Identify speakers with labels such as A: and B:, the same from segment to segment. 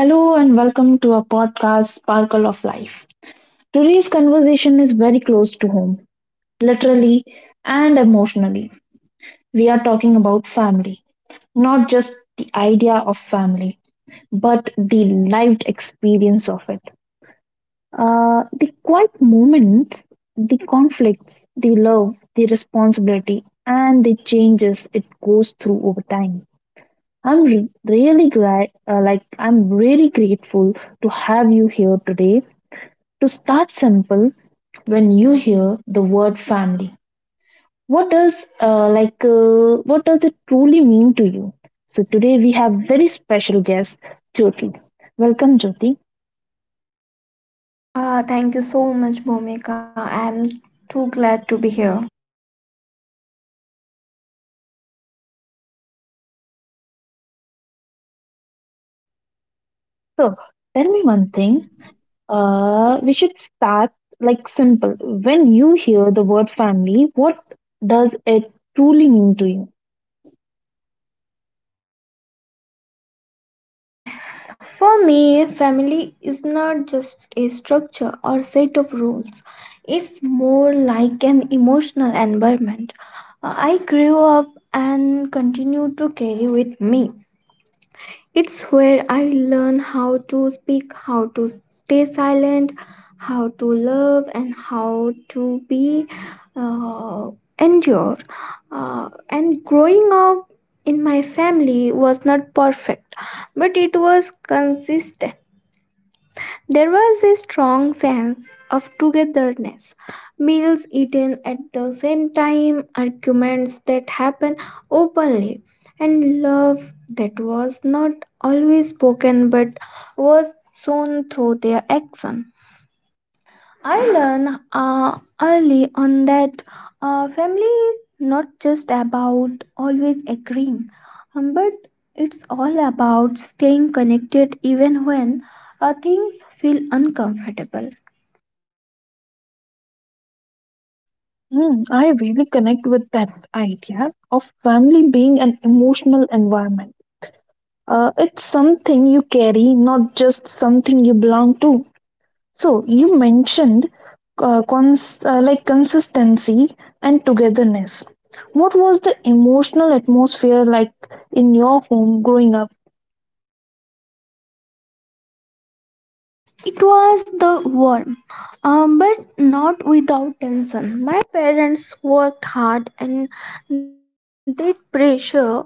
A: Hello and welcome to our podcast, Sparkle of Life. Today's conversation is very close to home, literally and emotionally. We are talking about family, not just the idea of family, but the lived experience of it. The quiet moments, the conflicts, the love, the responsibility, and the changes it goes through over time. I'm re- really glad, like, I'm really grateful to have you here today. To start simple, when you hear the word family, what does it truly mean to you? So today we have very special guest, Jyoti. Welcome, Jyoti.
B: Ah, thank you so much, Bhumika. I'm too glad to be here.
A: So tell me one thing. We should start like simple. When you hear the word family, what does it truly mean to you?
B: For me, family is not just a structure or set of rules. It's more like an emotional environment. I grew up and continue to carry with me. It's where I learn how to speak, how to stay silent, how to love, and how to be uh, endure. And growing up in my family was not perfect, but it was consistent. There was a strong sense of togetherness. Meals eaten at the same time, arguments that happened openly, and love that was not always spoken but was shown through their action. I learned early on that family is not just about always agreeing, but it's all about staying connected even when things feel uncomfortable.
A: Hmm, I really connect with that idea of family being an emotional environment. It's something you carry, not just something you belong to. So you mentioned consistency and togetherness. What was the emotional atmosphere like in your home growing up?
B: It was the warm, but not without tension. My parents worked hard and that pressure always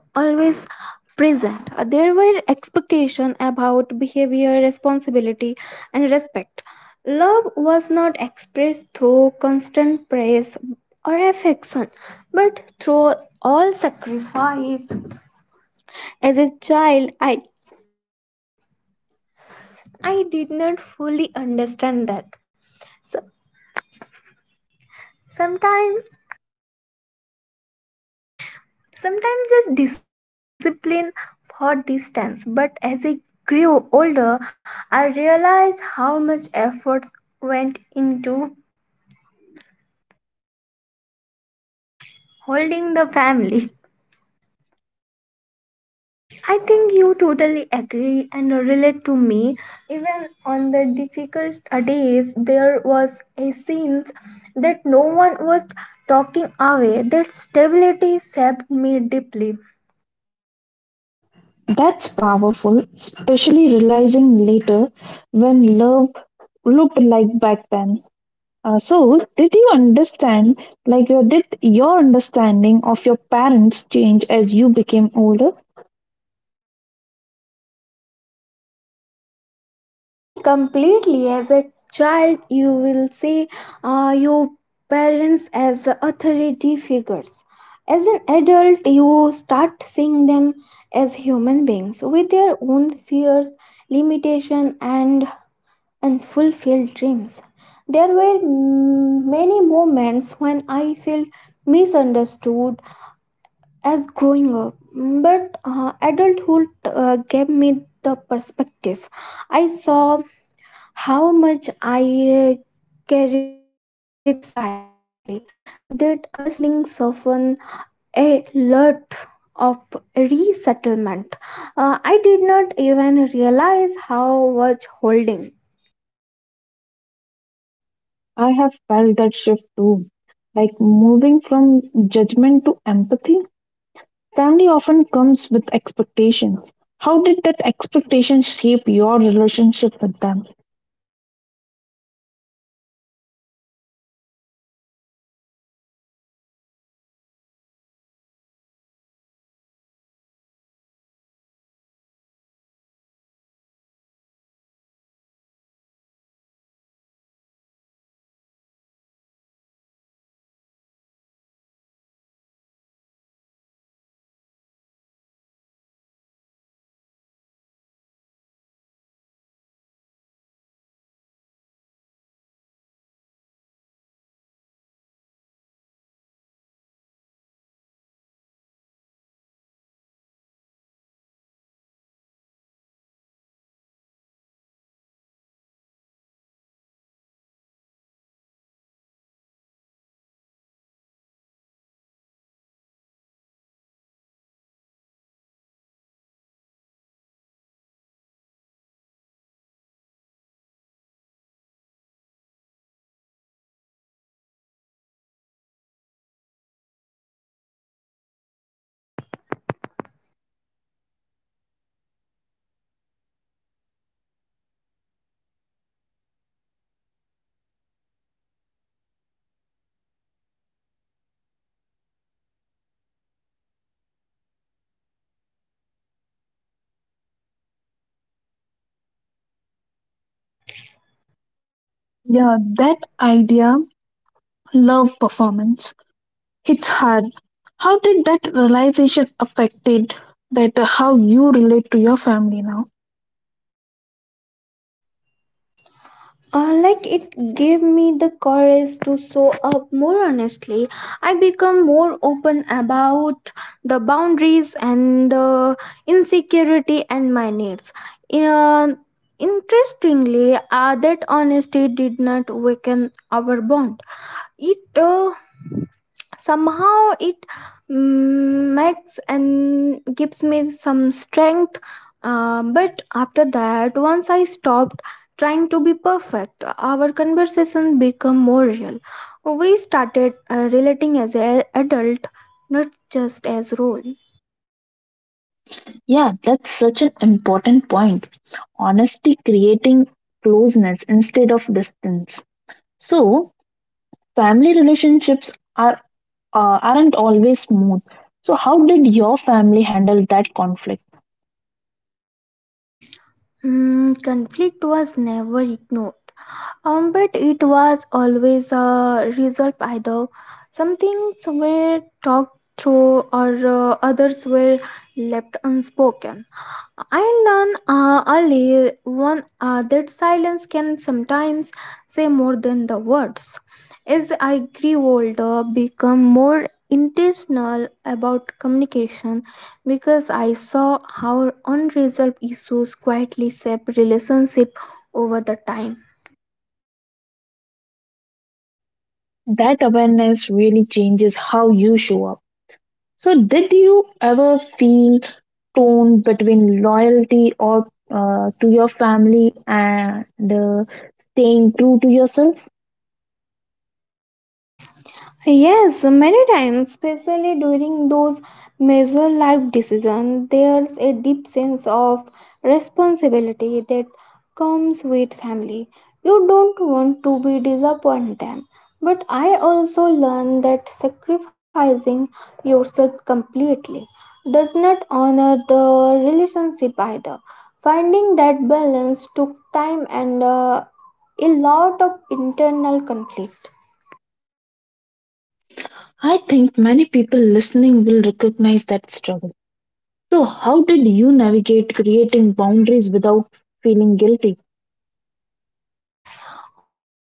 B: present. There were expectations about behavior, responsibility, and respect. Love was not expressed through constant praise or affection, but through all sacrifice. As a child, I did not fully understand that. So, Sometimes, sometimes just discipline for distance. But as I grew older, I realized how much effort went into holding the family. I think you totally agree and relate to me. Even on the difficult days, there was a sense that no one was talking away. That stability shaped me deeply.
A: That's powerful, especially realizing later when love looked like back then. So did your understanding of your parents change as you became older?
B: Yes, completely. As a child, you will see your parents as authority figures. As an adult, you start seeing them as human beings with their own fears, limitations, and unfulfilled dreams. There were many moments when I felt misunderstood as growing up, but adulthood gave me the perspective. I saw how much I carried silently. That understanding softened a lot of resettlement. I did not even realize how much holding.
A: I have felt that shift too. Like, moving from judgment to empathy, family often comes with expectations. How did that expectation shape your relationship with them?
B: Mm, expectations that were always there, especially around responsibility and only later, being dependable at times, it felt heavily. I felt like I had to mature quickly to be the strong one. For a long time, I tired my oath to tell how and why they will I fulfilled those expectations. Only later did I learn to separate love from their performance. That was a difficult but necessary realization. Yes, like I realized that deeply.
A: Yeah, that idea, love performance, hits hard. How did that realization affected that how you relate to your family now?
B: Like it gave me the courage to show up more honestly. I become more open about the boundaries and the insecurity and my needs. Uh, interestingly, that honesty did not weaken our bond. It somehow makes and gives me some strength but after that once I stopped trying to be perfect our conversation become more real we started relating as an adult not just as role.
A: Yeah, that's such an important point. Honesty creating closeness instead of distance. So, family relationships are aren't always smooth. So, how did your family handle that conflict?
B: Mm, conflict was never ignored. But it was always a result either something were talked through or others were left unspoken. I learned early one that silence can sometimes say more than the words. As I grew older, become more intentional about communication because I saw how unresolved issues quietly shape relationship over the time.
A: That awareness really changes how you show up. So, did you ever feel torn between loyalty or to your family and uh, staying true to yourself?
B: Yes, many times, especially during those major life decisions, there's a deep sense of responsibility that comes with family. You don't want to be disappoint them. But I also learned that sacrificing yourself completely does not honor the relationship either. Finding that balance took time and a lot of internal conflict.
A: I think many people listening will recognize that struggle. So, how did you navigate creating boundaries without feeling guilty?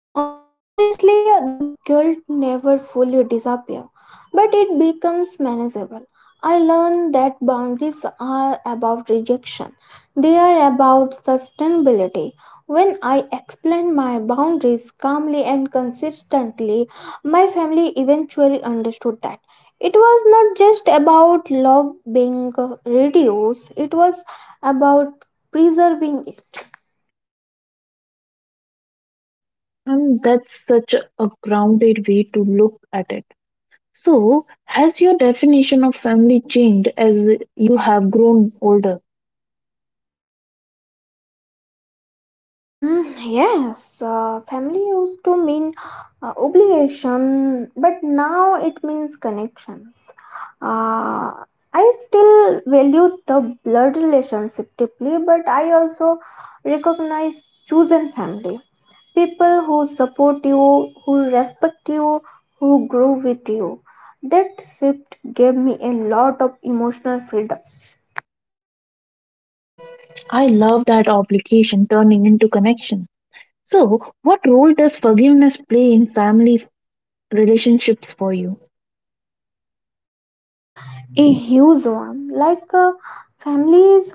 B: Honestly, the guilt never fully disappears, but it becomes manageable. I learned that boundaries are about rejection. They are about sustainability. When I explain my boundaries calmly and consistently, my family eventually understood that. It was not just about love being reduced, it was about preserving it.
A: And that's such a grounded way to look at it. So, has your definition of family changed as you have grown older?
B: Yes, family used to mean obligation, but now it means connections. Uh, I still value the blood relationship deeply, but I also recognize chosen family people who support you, who respect you, who grow with you. That shift gave me a lot of emotional freedom.
A: I love that obligation turning into connection. So, what role does forgiveness play in family relationships for you?
B: A huge one. Like families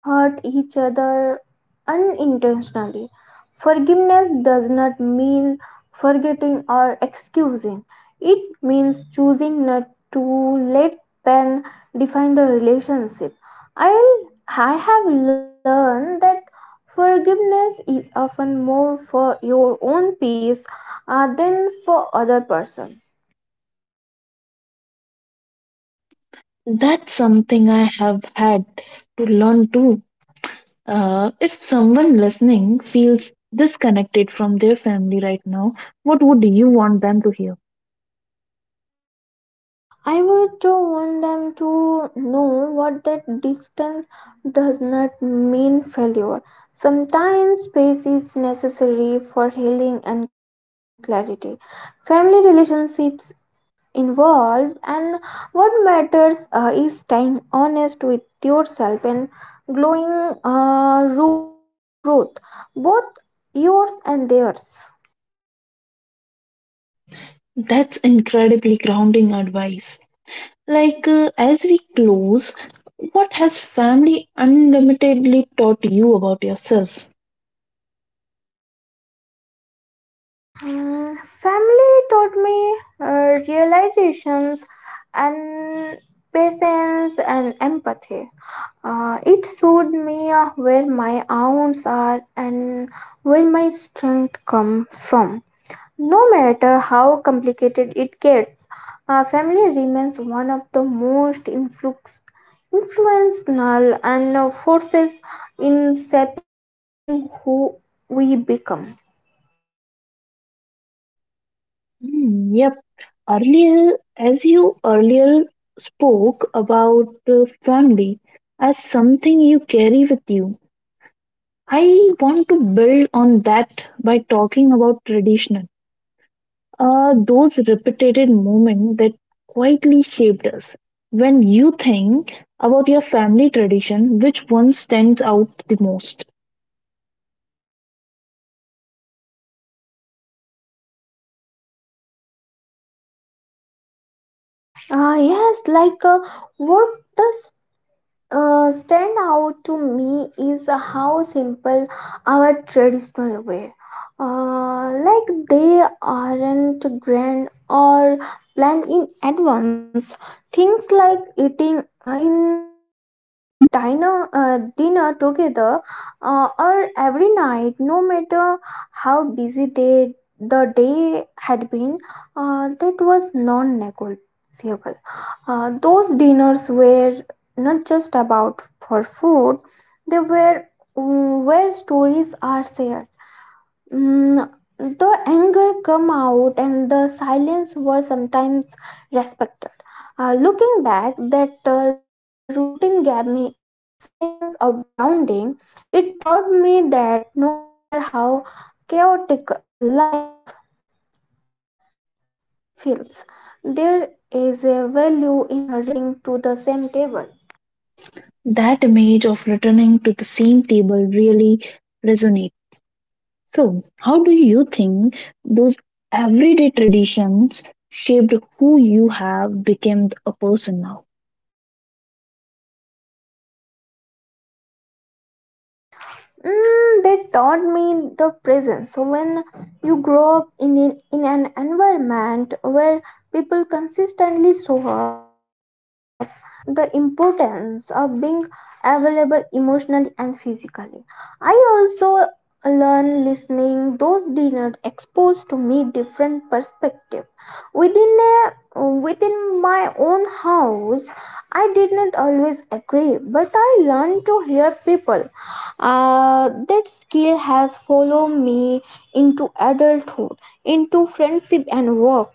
B: hurt each other unintentionally. Forgiveness does not mean forgetting or excusing. It means choosing not to let pain define the relationship. I I have learned that forgiveness is often more for your own peace than for other person.
A: That's something I have had to learn too. If someone listening feels disconnected from their family right now, what would you want them to hear?
B: I would to want them to know what that distance does not mean failure. Sometimes space is necessary for healing and clarity. Family relationships involved, and what matters is staying honest with yourself and glowing room for growth, both yours and theirs.
A: That's incredibly grounding advice. As we close, what has family unlimitedly taught you about yourself?
B: Family taught me realizations and patience and empathy. It showed me where my wounds are and where my strength come from. No matter how complicated it gets, family remains one of the most influential and forces in shaping who we become.
A: Hmm, yep. Earlier, as you earlier spoke about family as something you carry with you, I want to build on that by talking about tradition are those repeated moments that quietly shaped us. When you think about your family tradition, which one stands out the most?
B: Ah yes, like what does stand out to me is how simple our traditional wear. Like they aren't grand or planned in advance. Things like eating in a diner, dinner together, or every night, no matter how busy they, the day had been, that was non-negotiable. Those dinners were not just about for food, they were where stories are shared. Mm, the anger come out and the silence were sometimes respected. Looking back that routine gave me a sense of grounding. It taught me that no matter how chaotic life feels, there is a value in returning to the same table.
A: That image of returning to the same table really resonates. So, how do you think those everyday traditions shaped who you have become a person now?
B: They taught me the presence. So when you grow up in an environment where people consistently show up, and you learn the importance of being available emotionally and physically. I also learn listening. Those dinner exposed to me different perspective within a within my own house. I did not always agree, but I learned to hear people. That skill has followed me into adulthood, into friendship and work.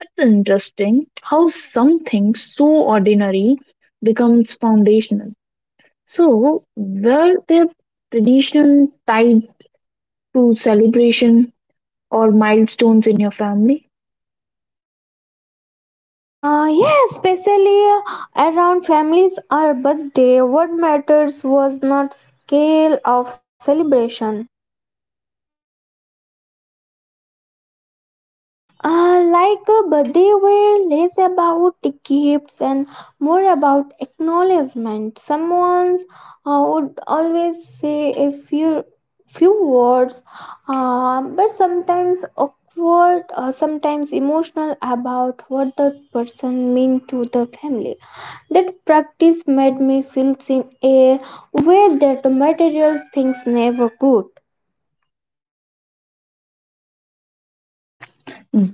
A: It's interesting how something so ordinary becomes foundational. So, were there tradition tied to celebration or milestones in your family?
B: Yeah, especially around families or birthday. What matters was not scale of celebration, but they were less about gifts and more about acknowledgement. Someone would always say a few words, but sometimes awkward, sometimes emotional about what that person meant to the family. That practice made me feel seen a way that material things never could.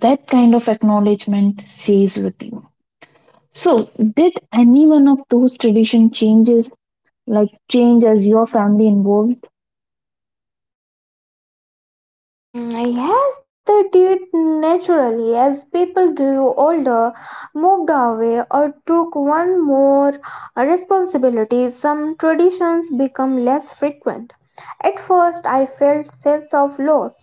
A: That kind of acknowledgement stays with you. So, did any one of those tradition changes, like change as your family involved?
B: Yes, they did naturally as people grew older, moved away, or took one more responsibilities, some traditions become less frequent. At first, I felt sense of loss,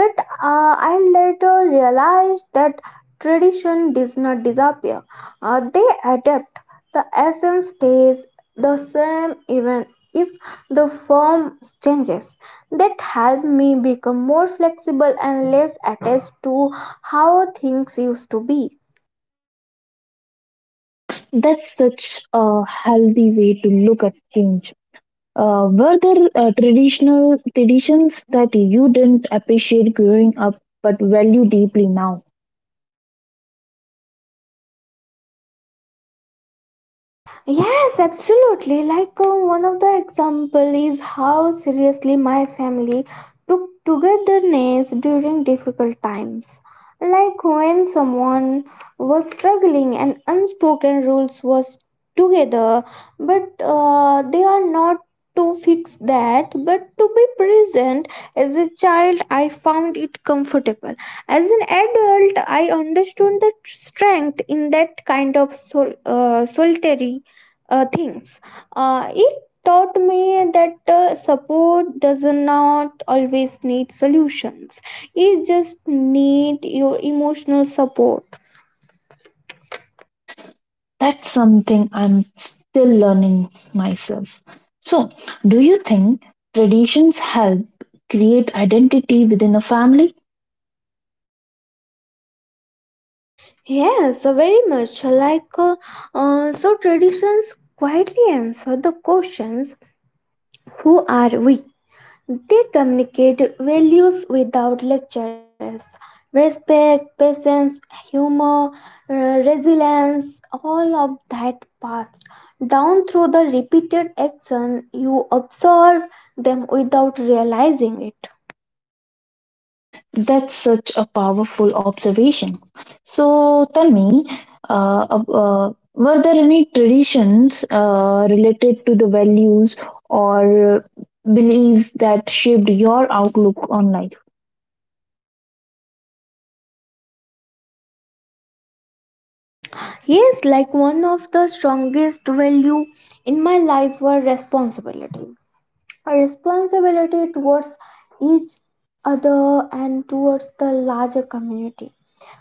B: but I later realized that tradition does not disappear; they adapt. The essence stays the same even if the form changes. That helped me become more flexible and less attached to how things used to be.
A: That's such a healthy way to look at change. Were there traditional traditions that you didn't appreciate growing up but value deeply now?
B: Yes, absolutely. Like one of the example is how seriously my family took togetherness during difficult times. Like when someone was struggling and unspoken rules was together, but they are not to fix that but to be present. As a child I found it comfortable. As an adult I understood the strength in that kind of solitary things. It taught me that support does not always need solutions. It just need your emotional support.
A: That's something I'm still learning myself. So, do you think traditions help create identity within a family?
B: Yes, very much. Like so, traditions quietly answer the questions: Who are we? They communicate values without lectures. Respect, patience, humor, uh, resilience, all of that passed down through the repeated action, you observe them without realizing it.
A: That's such a powerful observation. So, tell me, were there any traditions related to the values or beliefs that shaped your outlook on life?
B: Yes, like one of the strongest value in my life were responsibility. A responsibility towards each other and towards the larger community.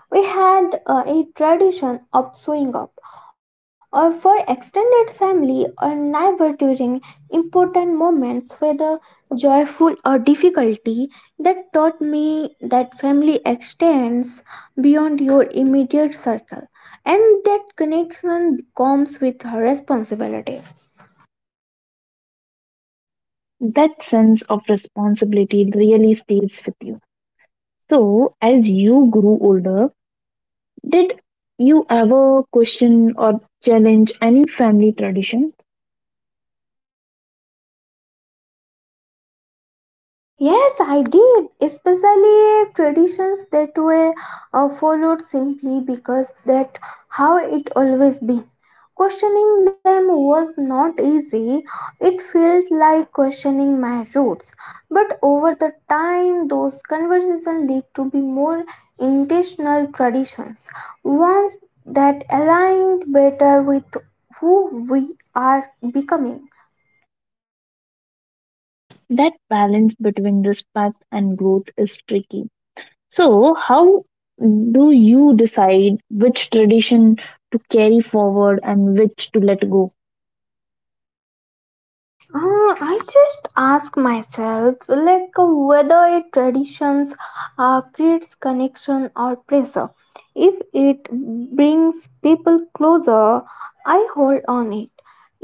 B: We had a tradition of showing up or for extended family or neighbor during important moments whether joyful or difficulty. That taught me that family extends beyond your immediate circle and that connection comes with her responsibility.
A: That sense of responsibility really stays with you. So, as you grew older, did you ever question or challenge any family tradition?
B: Yes, I did. Especially traditions that were followed simply because that how it always been. Questioning them was not easy. It felt like questioning my roots. But over the time, those conversations lead to be more intentional traditions, ones that aligned better with who we are becoming.
A: That balance between respect and growth is tricky. So, how do you decide which tradition to carry forward and which to let go?
B: I just ask myself, like whether a traditions creates connection or pressure. If it brings people closer, I hold on it.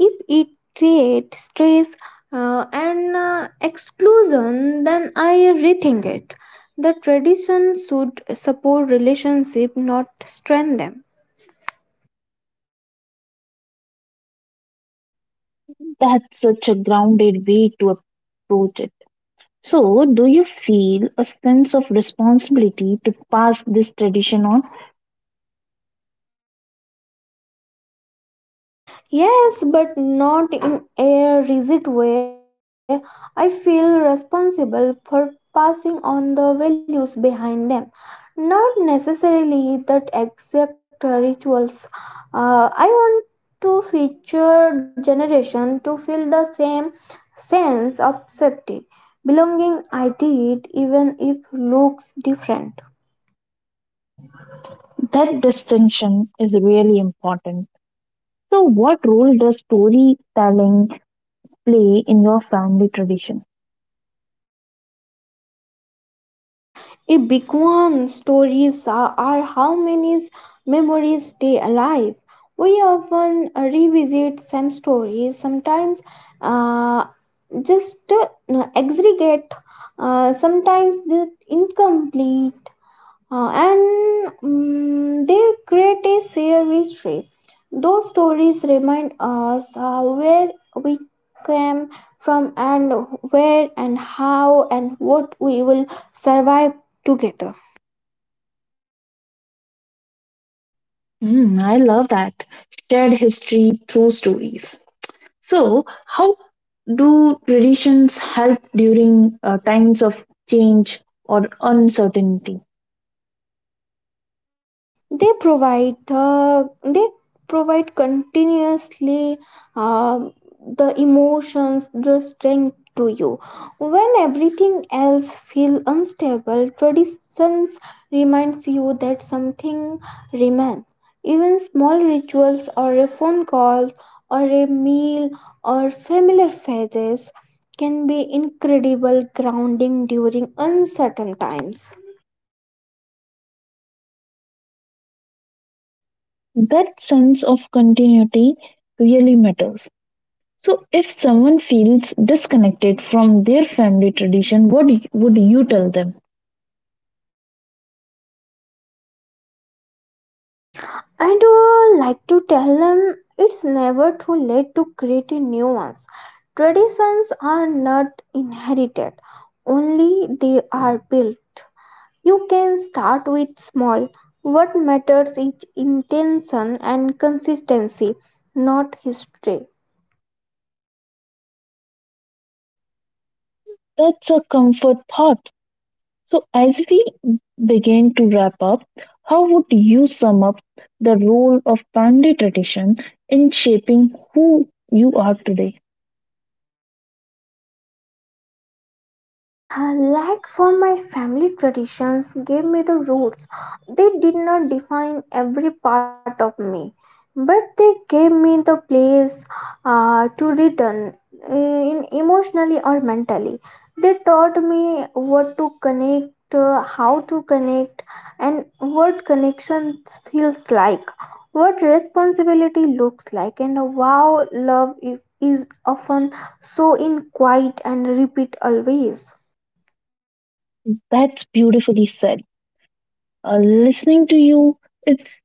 B: If it creates stress and exclusion, then I rethink it. The tradition should support relationship, not strengthen them.
A: That's such a grounded way to approach it. So, do you feel a sense of responsibility to pass this tradition on?
B: Yes, but not in a rigid way. I feel responsible for passing on the values behind them, not necessarily the exact rituals. I want to future generation to feel the same sense of safety, belonging I did, even if looks different.
A: That distinction is really important. So, what role does storytelling play in your family tradition?
B: A big one. Stories are how many memories stay alive. We often revisit same stories, sometimes uh, just aggregate, sometimes just incomplete, and they create a shared history. Those stories remind us where we came from and where and how and what we will survive together.
A: Mm, I love that shared history through stories. So, how do traditions help during times of change or uncertainty?
B: they provide uh, they provide continuously uh, the emotions the strength to you when everything else feel unstable. Traditions reminds you that something remains, even small rituals or a phone call or a meal or familiar faces can be incredible grounding during uncertain times.
A: That sense of continuity really matters. So, if someone feels disconnected from their family tradition, what would you tell them?
B: I do like to tell them it's never too late to create a new ones. Traditions are not inherited, only they are built. You can start with small. What matters is intention and consistency, not history.
A: That's a comfort thought. So, as we begin to wrap up, how would you sum up the role of family tradition in shaping who you are today?
B: Like for my family traditions gave me the roots. They did not define every part of me, but they gave me the place to return uh, in emotionally or mentally. They taught me what to connect, how to connect, and what connections feels like, what responsibility looks like, and how love is often so in quiet and repeat always.
A: That's beautifully said. Listening to you, it's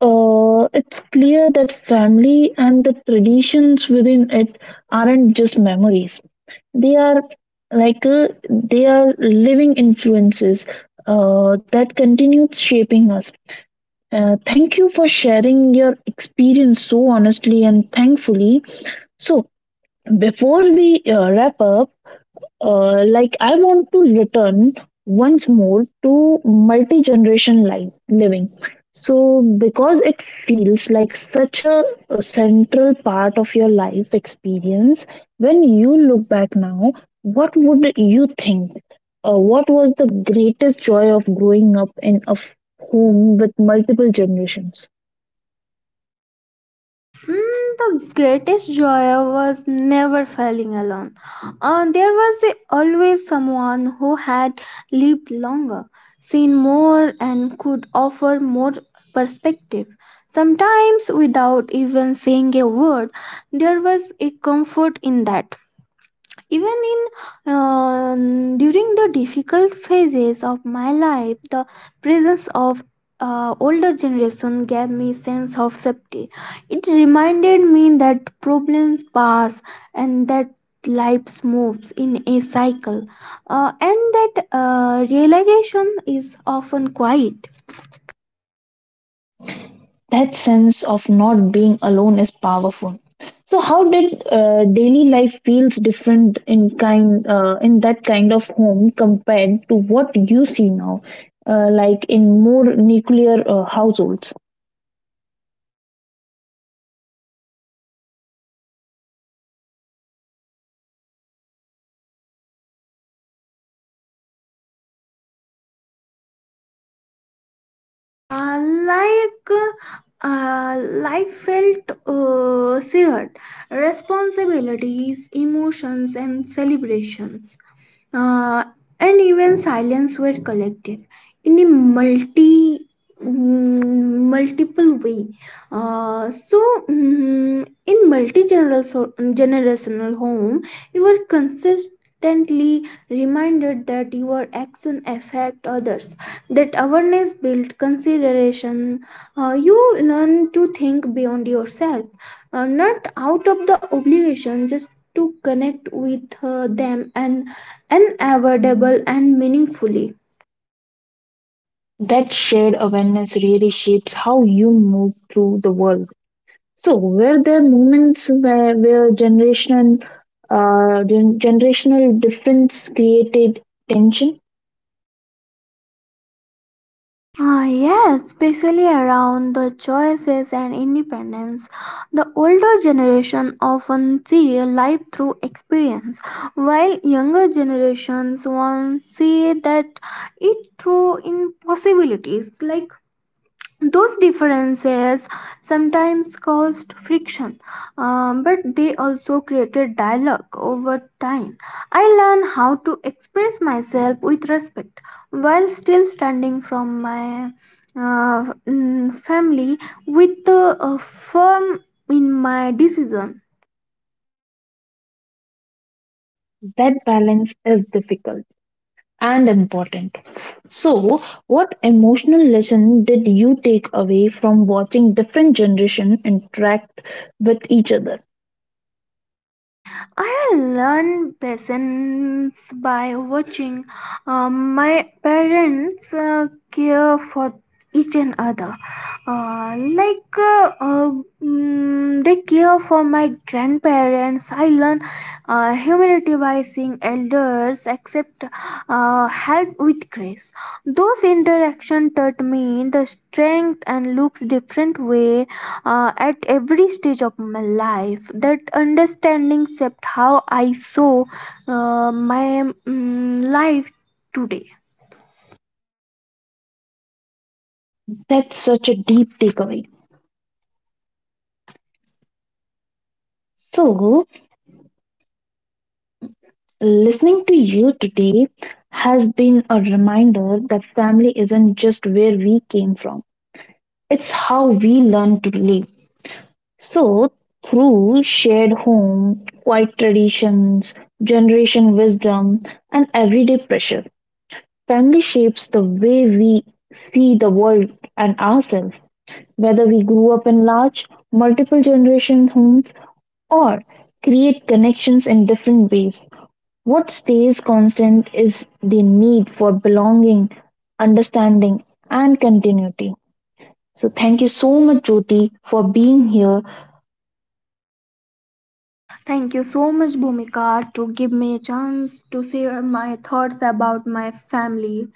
A: it's clear that family and the traditions within it aren't just memories. They are living influences that continues shaping us. Thank you for sharing your experience so honestly and thankfully. So, before we wrap up, I want to return once more to multi generation life living. So, because it feels like such a central part of your life experience, when you look back now, what would you think? What was the greatest joy of growing up in a home with multiple generations?
B: The greatest joy was never falling alone. There was always someone who had lived longer, seen more, and could offer more perspective. Sometimes, without even saying a word, there was a comfort in that, even in during the difficult phases of my life. The presence of older generation gave me sense of safety. It reminded me that problems pass and that life moves in a cycle, and that realization is often quiet.
A: That sense of not being alone is powerful. So how did daily life feels different in kind in that kind of home compared to what you see now, like in more nuclear households?
B: uh, like uh, life felt shared responsibilities emotions and celebrations, uh, and even silence were collective in a multi mm, multiple way. uh, so in multi-generational home you were consistently reminded that your action affect others. That awareness built consideration. You learn to think beyond yourself, not out of the obligation just to connect with them and unavoidable and meaningfully.
A: That shared awareness really shapes how you move through the world. So were there moments where generational generational difference created tension?
B: Ah, yes, especially around the choices and independence. The older generation often see life through experience, while younger generations once see that it through impossibilities. Like those differences sometimes caused friction, but they also created dialogue over time. I learned how to express myself with respect while still standing from my family with the a firm in my decision.
A: That balance is difficult and important. So, what emotional lesson did you take away from watching different generation interact with each other?
B: I learn lessons by watching my parents care for each and other. Uh, like uh, uh, they care for my grandparents. I learn humility by seeing elders accept help with grace. Those interaction taught me the strength and looks different way at every stage of my life. That understanding shaped how I saw my life today.
A: That's such a deep takeaway. So, listening to you today has been a reminder that family isn't just where we came from. It's how we learn to live. So, through shared home, quiet traditions, generation wisdom, and everyday pressure, family shapes the way we see the world and ourselves, whether we grew up in large, multiple generation homes or create connections in different ways. What stays constant is the need for belonging, understanding, and continuity. So, thank you so much, Jyoti, for being here.
B: Thank you so much, Bhumika, to give me a chance to share my thoughts about my family.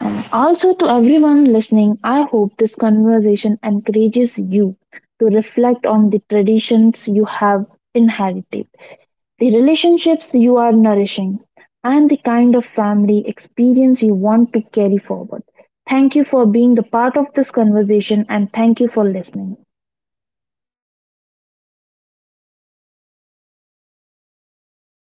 A: And also to everyone listening, I hope this conversation encourages you to reflect on the traditions you have inherited, the relationships you are nourishing, and the kind of family experience you want to carry forward. Thank you for being the part of this conversation and thank you for listening.